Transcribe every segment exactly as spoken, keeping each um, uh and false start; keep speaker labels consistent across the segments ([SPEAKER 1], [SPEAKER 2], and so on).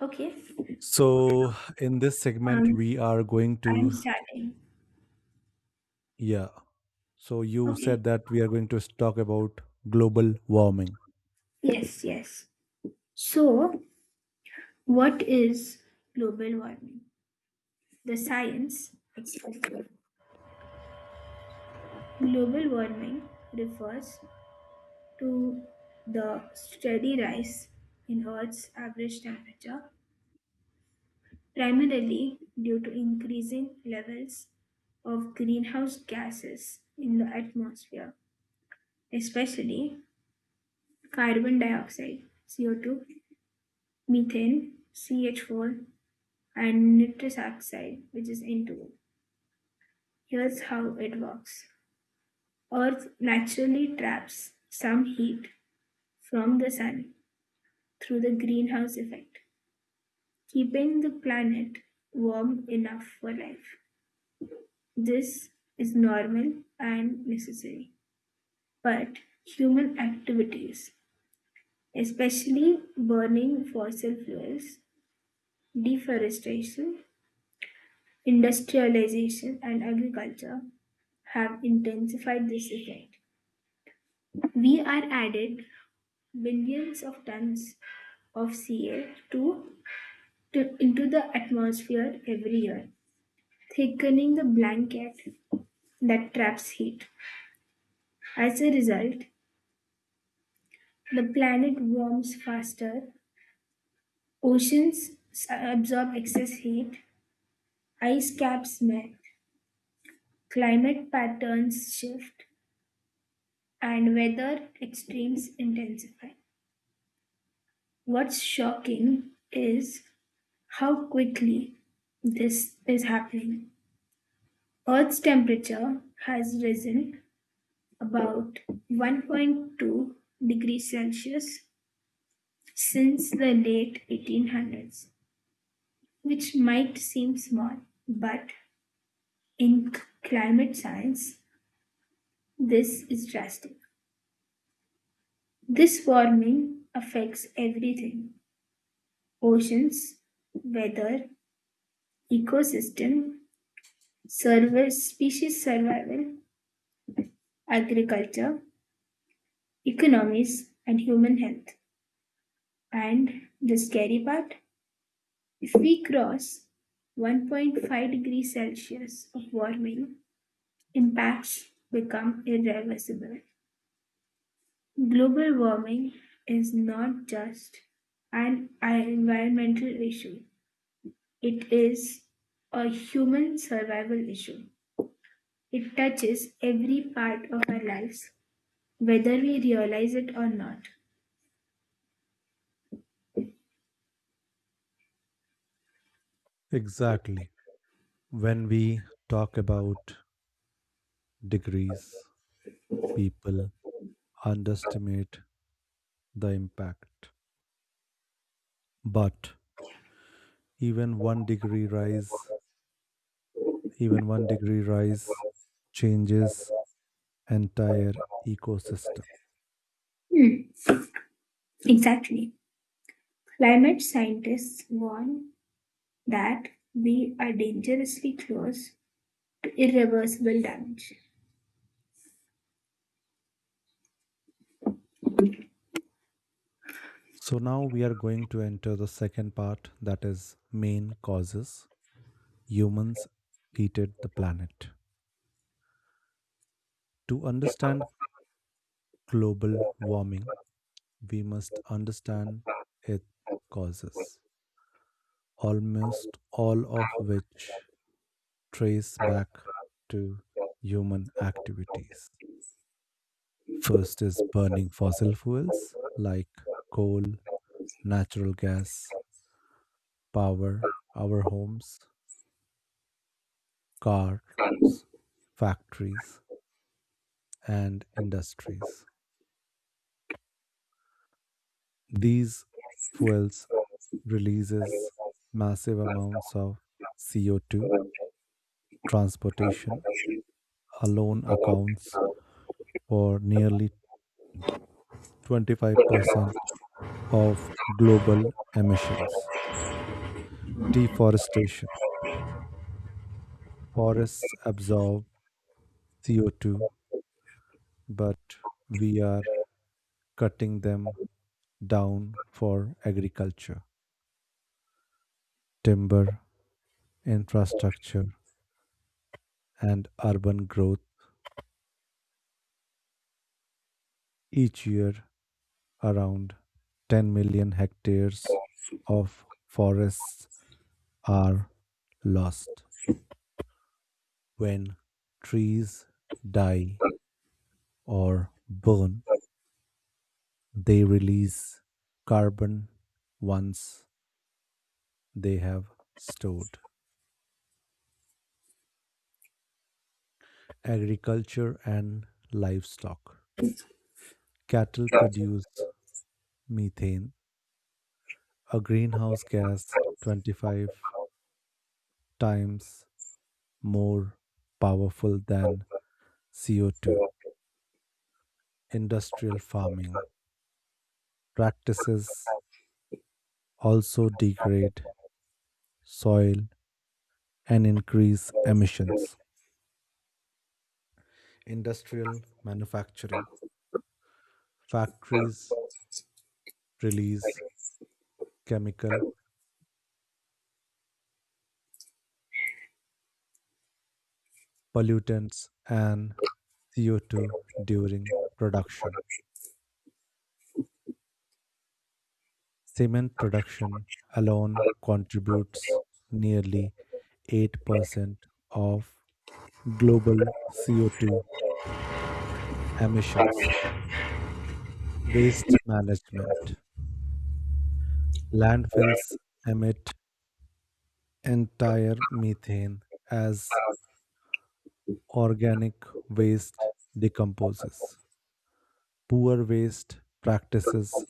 [SPEAKER 1] Okay.
[SPEAKER 2] So, in this segment,
[SPEAKER 1] Um,
[SPEAKER 2] we are going
[SPEAKER 1] I'm
[SPEAKER 2] to,
[SPEAKER 1] starting.
[SPEAKER 2] yeah. So, you
[SPEAKER 1] Okay.
[SPEAKER 2] said that we are going to talk about global warming.
[SPEAKER 1] Yes, yes. So, what is global warming? The science explains. Global warming refers to the steady rise in Earth's average temperature, primarily due to increasing levels of greenhouse gases in the atmosphere, especially carbon dioxide, C O two, methane, C H four, and nitrous oxide, which is N two O. Here's how it works. Earth naturally traps some heat from the sun through the greenhouse effect, keeping the planet warm enough for life. This is normal and necessary. But human activities, especially burning fossil fuels, deforestation, industrialization, and agriculture, have intensified this effect. We are added millions of tons of C A two to, to- into the atmosphere every year, thickening the blanket that traps heat. As a result, the planet warms faster, oceans s- absorb excess heat, ice caps melt, climate patterns shift, and weather extremes intensify. What's shocking is how quickly this is happening. Earth's temperature has risen about one point two degrees Celsius since the late eighteen hundreds, which might seem small, but in c- climate science, this is drastic. This warming affects everything: oceans, weather, ecosystem, survi- species survival, agriculture, economies, and human health. And the scary part: if we cross one point five degrees Celsius of warming, impacts become irreversible. Global warming is not just an environmental issue, it is a human survival issue. It touches every part of our lives, whether we realize it or not.
[SPEAKER 2] Exactly. When we talk about degrees, people underestimate the impact. But even one degree rise, even one degree rise changes entire ecosystem.
[SPEAKER 1] Hmm, exactly. Climate scientists warn that we are dangerously close irreversible damage.
[SPEAKER 2] So now we are going to enter the second part, that is main causes humans heated the planet. To understand global warming, we must understand its causes, almost all of which trace back to human activities. First is burning fossil fuels like coal, natural gas, power, our homes, cars, factories, and industries. These fuels releases massive amounts of C O two. Transportation alone accounts for nearly twenty-five percent of global emissions. Deforestation. Forests absorb C O two, but we are cutting them down for agriculture, timber, infrastructure, and urban growth. Each year around ten million hectares of forests are lost. When trees die or burn, they release carbon once they have stored. Agriculture and livestock. Cattle produce methane, a greenhouse gas twenty-five times more powerful than C O two. Industrial farming practices also degrade soil and increase emissions. Industrial manufacturing factories release chemical pollutants and C O two during production. Cement production alone contributes nearly eight percent of global C O two emissions. Waste management. Landfills emit entire methane as organic waste decomposes. Poor waste practices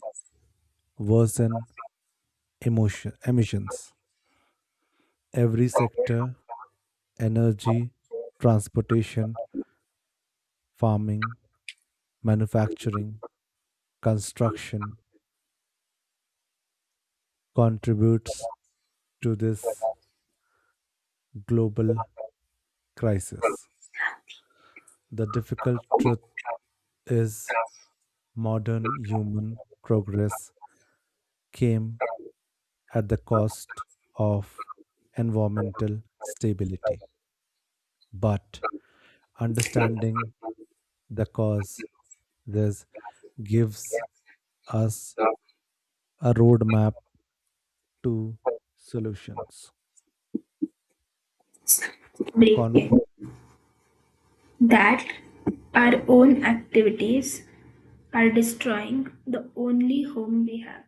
[SPEAKER 2] worsen emotion, emissions. Every sector, energy, transportation, farming, manufacturing, construction, contributes to this global crisis. The difficult truth is modern human progress came at the cost of environmental stability. But understanding the cause this gives us a roadmap to solutions. Con-
[SPEAKER 1] Breaking. That our own activities are destroying the only home we have.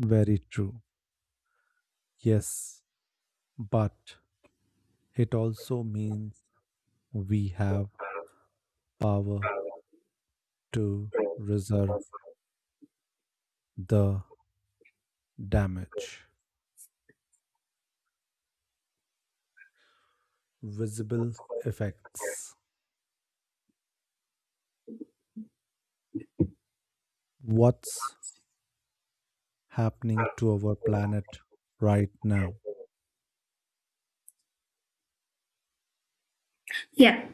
[SPEAKER 2] very true. Yes, but it also means we have power to reserve the damage, visible effects, what's happening to our planet right now.
[SPEAKER 1] Yeah,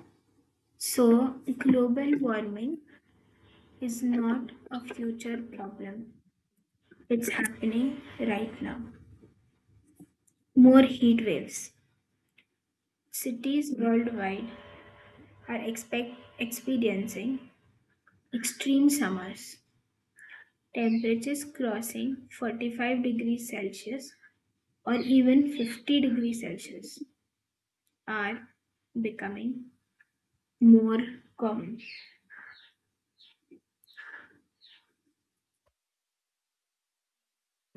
[SPEAKER 1] so global warming is not a future problem, it's happening right now. More heat waves. Cities worldwide are expect- experiencing extreme summers, temperatures crossing forty-five degrees Celsius or even fifty degrees Celsius are becoming more common.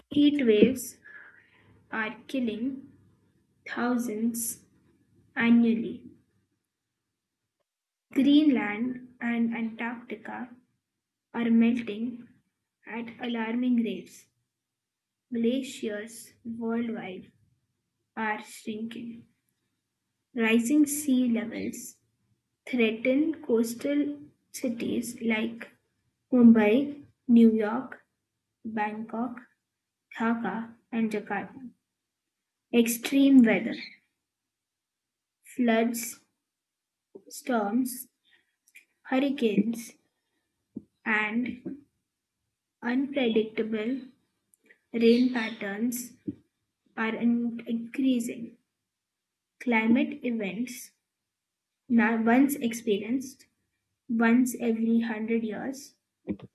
[SPEAKER 1] Heat waves are killing thousands annually. Greenland and Antarctica are melting at alarming rates. Glaciers worldwide are shrinking. Rising sea levels threaten coastal cities like Mumbai, New York, Bangkok, Dhaka, and Jakarta. Extreme weather, floods, storms, hurricanes, and unpredictable rain patterns are increasing. Climate events, now once experienced once every one hundred years,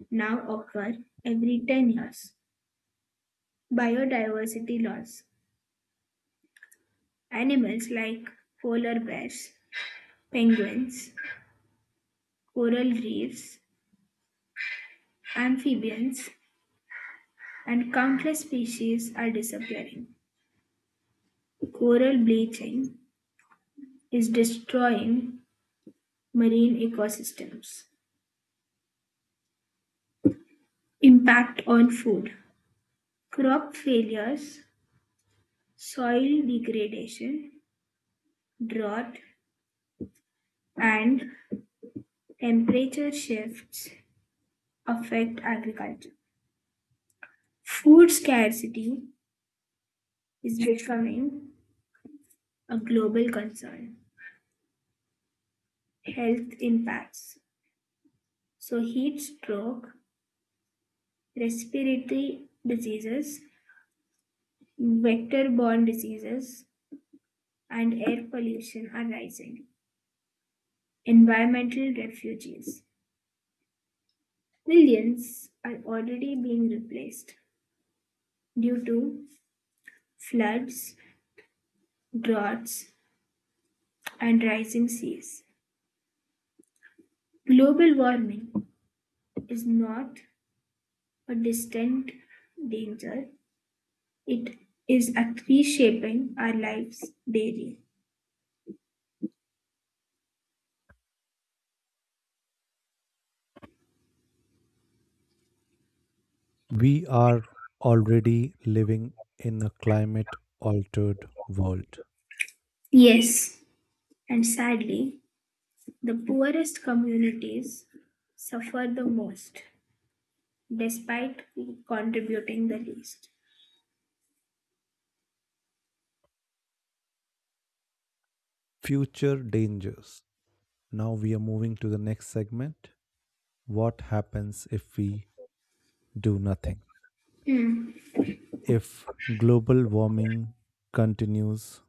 [SPEAKER 1] now occur every ten years. Biodiversity loss. Animals like polar bears, penguins, coral reefs, amphibians, and countless species are disappearing. Coral bleaching is destroying marine ecosystems. Impact on food. Crop failures, soil degradation, drought, and temperature shifts affect agriculture. Food scarcity is becoming a global concern. Health impacts. So, heat stroke, respiratory diseases, vector-borne diseases, and air pollution are rising. Environmental refugees. Millions are already being replaced due to floods, droughts, and rising seas. Global warming is not a distant danger, it is reshaping our lives daily.
[SPEAKER 2] We are already living in a climate altered world.
[SPEAKER 1] Yes, and sadly, the poorest communities suffer the most, despite contributing the least.
[SPEAKER 2] Future dangers. Now we are moving to the next segment. What happens if we do nothing?
[SPEAKER 1] Hmm.
[SPEAKER 2] If global warming continues,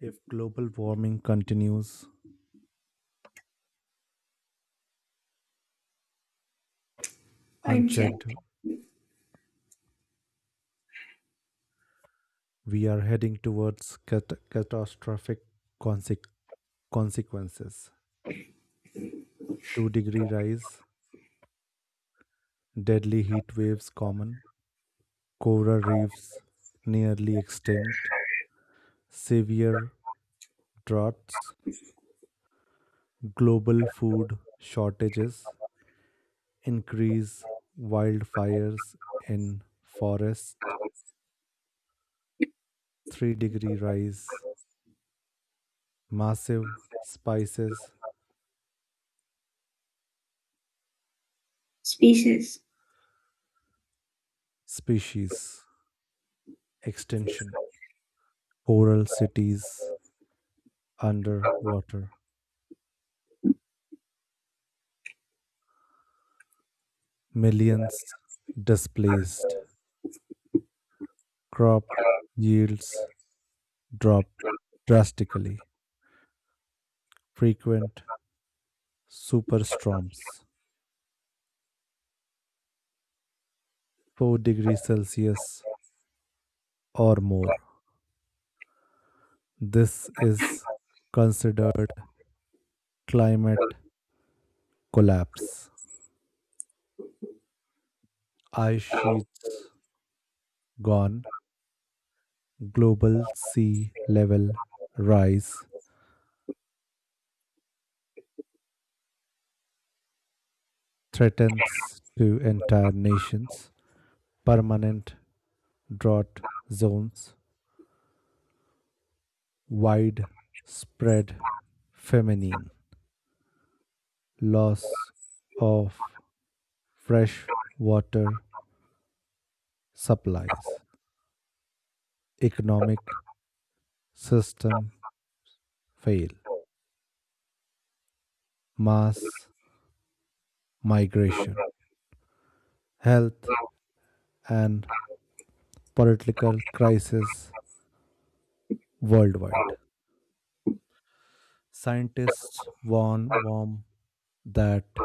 [SPEAKER 2] if global warming continues unchecked,
[SPEAKER 1] Unchecked.
[SPEAKER 2] we are heading towards cat- catastrophic consequences. consequences. two degree rise, deadly heat waves common, coral reefs nearly extinct, severe droughts, global food shortages, increase wildfires in forest. three degree rise, massive spices
[SPEAKER 1] Species.
[SPEAKER 2] species extinction, coral cities underwater, millions displaced, crop yields drop drastically, frequent superstorms. four degrees Celsius or more. This is considered climate collapse. Ice sheets gone, global sea level rise threatens to entire nations, permanent drought zones, widespread famine, loss of fresh water supplies, economic system fail, mass migration, health and political crisis worldwide. Scientists warn warm that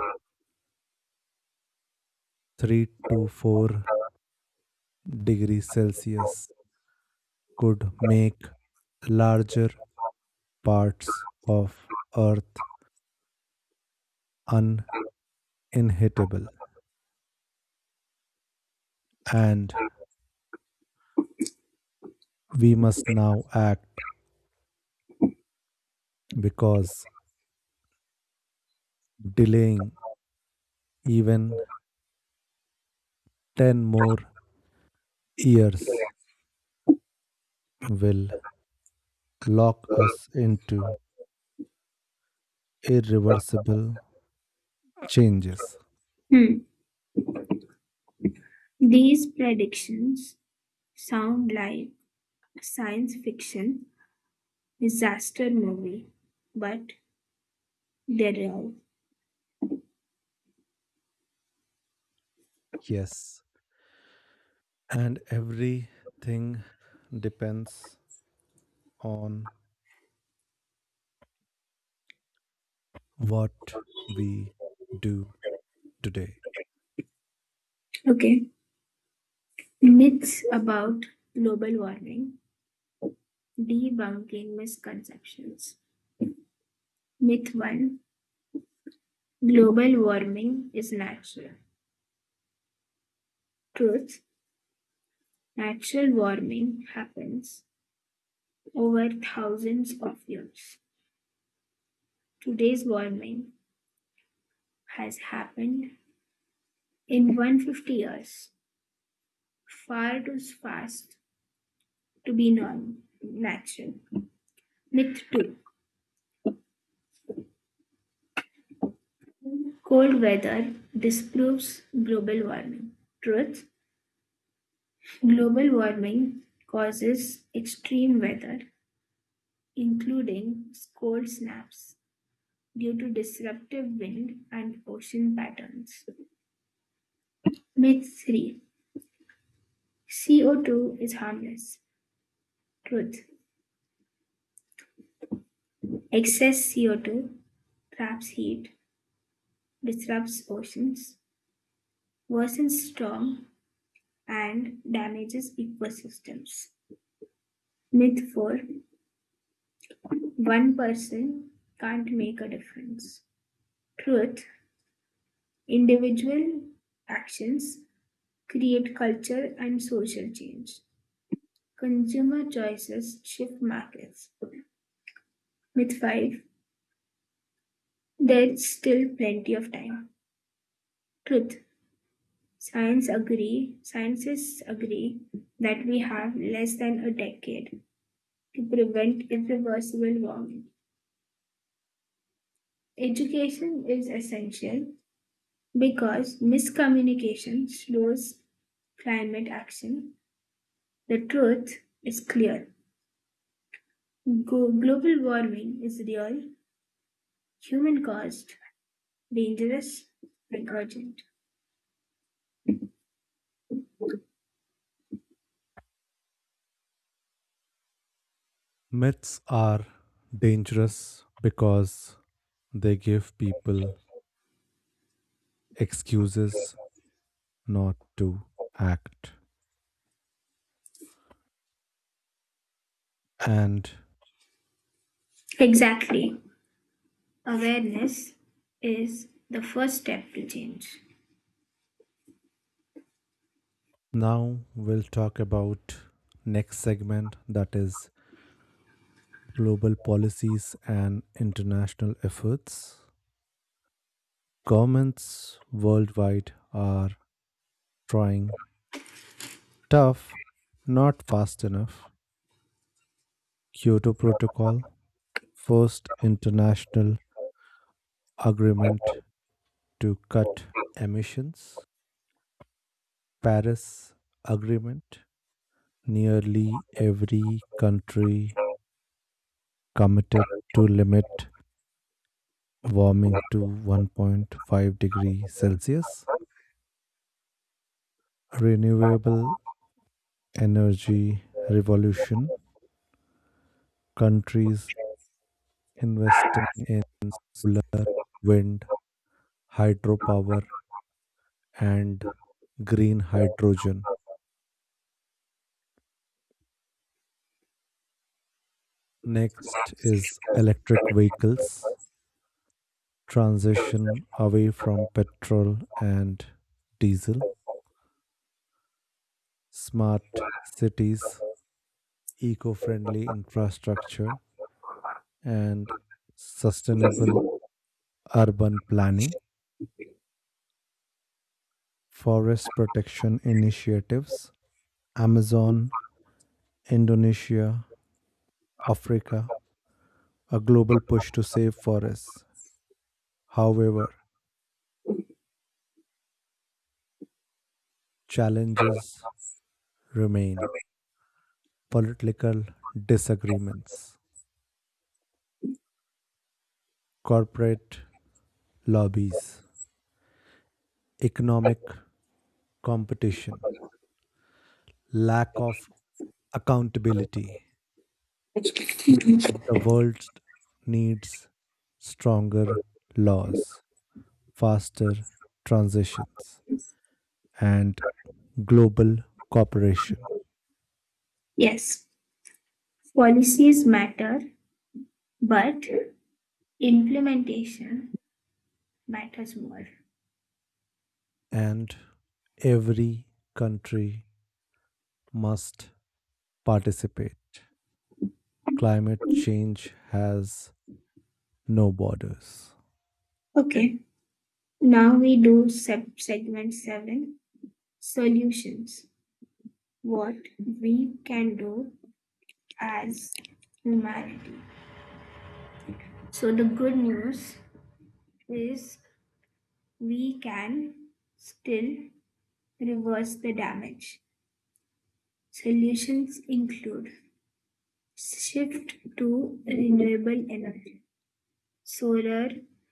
[SPEAKER 2] three to four degrees Celsius could make larger parts of earth uninhabitable, and we must now act because delaying even ten more years will lock us into irreversible changes.
[SPEAKER 1] Hmm. These predictions sound like a science fiction disaster movie, but they're real.
[SPEAKER 2] Yes, and everything depends on what we do today.
[SPEAKER 1] Okay. Myths about global warming, debunking misconceptions. Myth one: global warming is natural. Truth: natural warming happens over thousands of years. Today's warming has happened in one hundred fifty years, far too fast to be non natural. Myth two. Cold weather disproves global warming. Truth. Global warming causes extreme weather, including cold snaps, due to disruptive wind and ocean patterns. Myth three. C O two is harmless. Truth. Excess C O two traps heat, disrupts oceans, worsens storms, and damages ecosystems. Myth four: one person can't make a difference. Truth: individual actions create culture and social change. Consumer choices shift markets. Myth five: there's still plenty of time. Truth: Science agree, scientists agree that we have less than a decade to prevent irreversible warming. Education is essential because miscommunication slows climate action. The truth is clear. Go- global warming is real, human caused, dangerous, and urgent.
[SPEAKER 2] Myths are dangerous because they give people excuses not to act. And
[SPEAKER 1] Exactly. Awareness is the first step to change.
[SPEAKER 2] now we'll talk about next segment, that is global policies and international efforts. Governments worldwide are trying tough, not fast enough. Kyoto Protocol, first international agreement to cut emissions. Paris Agreement, nearly every country committed to limit warming to one point five degrees Celsius. Renewable energy revolution, countries investing in solar, wind, hydropower, and green hydrogen. Next is electric vehicles, transition away from petrol and diesel, smart cities, eco friendly infrastructure, and sustainable urban planning, forest protection initiatives, Amazon, Indonesia, Africa, a global push to save forests. However, challenges remain: political disagreements, corporate lobbies, economic competition, lack of accountability. The world needs stronger laws, faster transitions, and global cooperation.
[SPEAKER 1] Yes, policies matter, but implementation matters more.
[SPEAKER 2] And every country must participate. Climate change has no borders.
[SPEAKER 1] Okay. Now we do sub segment seven: solutions. What we can do as humanity. So, the good news is we can still reverse the damage. Solutions include: shift to renewable energy, solar,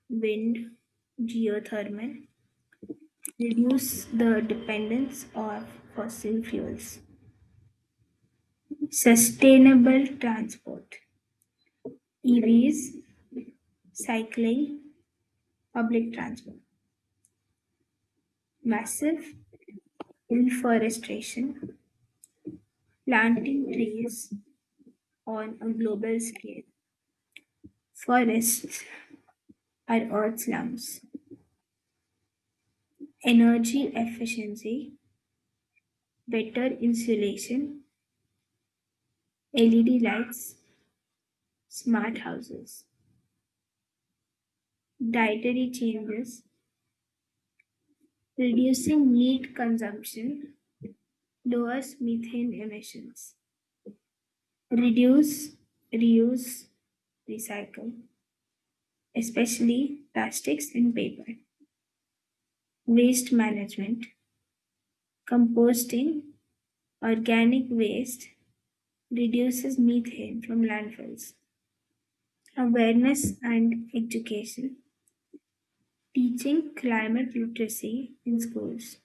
[SPEAKER 1] wind, geothermal, reduce the dependence of fossil fuels. Sustainable transport: E Vs, cycling, public transport, massive reforestation, planting trees on a global scale. Forests are earth slums. Energy efficiency, better insulation, L E D lights, smart houses. Dietary changes, reducing meat consumption, lowers methane emissions. Reduce, reuse, recycle, especially plastics and paper. Waste management, composting organic waste reduces methane from landfills. Awareness and education, teaching climate literacy in schools.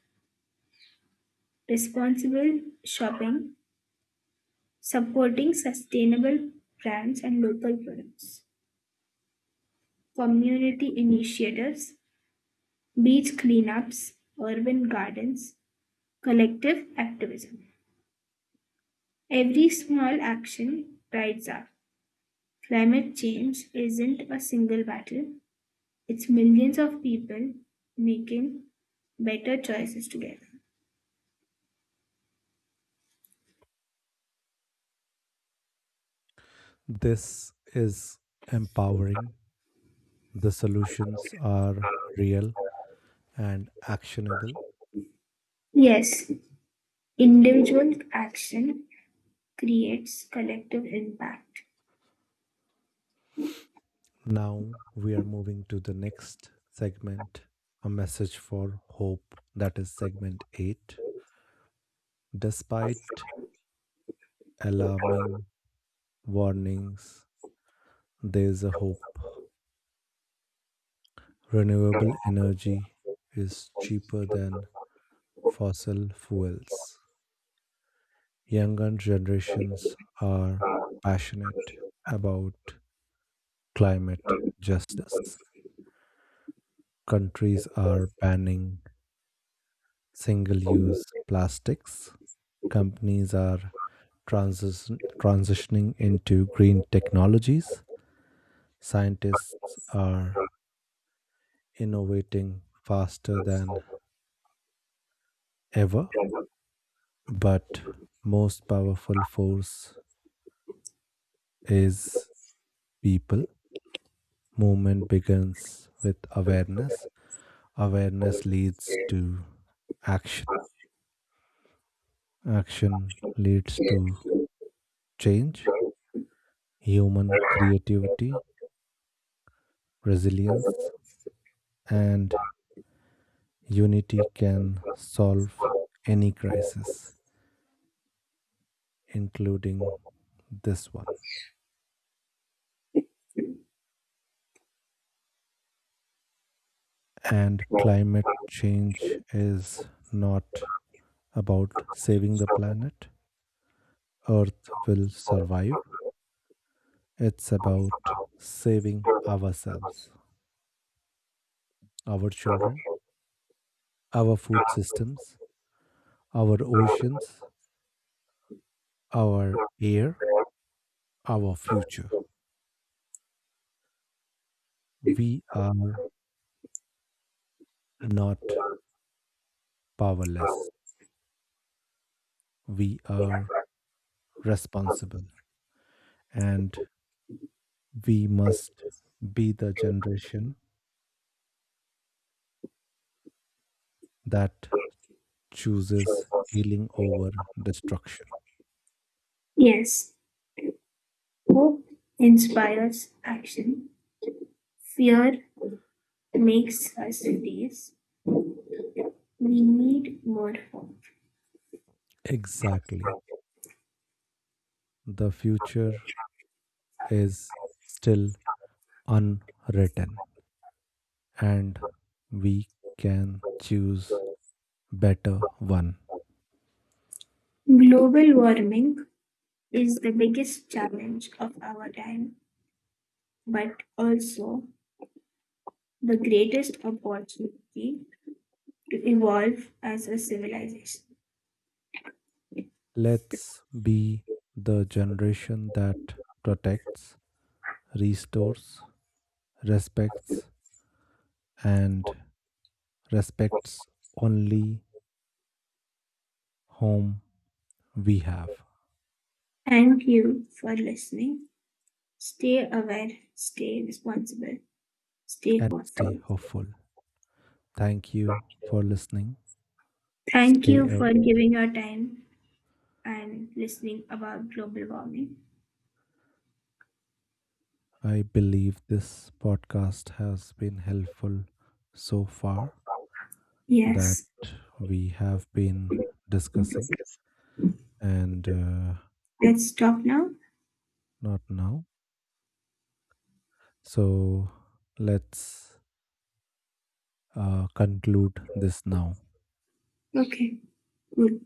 [SPEAKER 1] Responsible shopping, supporting sustainable brands and local products. Community initiatives: beach cleanups, urban gardens, collective activism. Every small action rides up. Climate change isn't a single battle, it's millions of people making better choices together.
[SPEAKER 2] This is empowering. The solutions are real and actionable.
[SPEAKER 1] Yes, individual action creates collective impact.
[SPEAKER 2] Now we are moving to the next segment, a message for hope. That is segment eight. Despite alarming warnings, there is a hope. Renewable energy is cheaper than fossil fuels. Younger generations are passionate about climate justice. Countries are banning single use plastics. Companies are transis- transitioning into green technologies. Scientists are innovating faster than ever, but most powerful force is people. Movement begins with awareness. Awareness leads to action. Action leads to change, human creativity, resilience, and unity can solve any crisis, including this one. And climate change is not about saving the planet. Earth will survive. It's about saving ourselves, our children, our food systems, our oceans, our air, our future. We are not powerless. We are responsible, and we must be the generation that chooses healing over destruction.
[SPEAKER 1] Yes, hope inspires action. Fear makes us freeze. We need more hope.
[SPEAKER 2] Exactly. The future is still unwritten, and we can choose better one.
[SPEAKER 1] Global warming is the biggest challenge of our time, but also the greatest opportunity to evolve as a civilization.
[SPEAKER 2] Let's be the generation that protects, restores, respects, and respects only whom we have.
[SPEAKER 1] Thank you for listening. Stay aware, stay responsible, stay
[SPEAKER 2] And stay
[SPEAKER 1] thoughtful.
[SPEAKER 2] hopeful. Thank you for listening.
[SPEAKER 1] Thank
[SPEAKER 2] Stay
[SPEAKER 1] you
[SPEAKER 2] up.
[SPEAKER 1] for giving your time and listening about global warming.
[SPEAKER 2] I believe this podcast has been helpful so far, that
[SPEAKER 1] Yes,
[SPEAKER 2] we have been discussing and uh,
[SPEAKER 1] let's stop now.
[SPEAKER 2] not now. So let's uh, conclude this now.
[SPEAKER 1] Okay, good.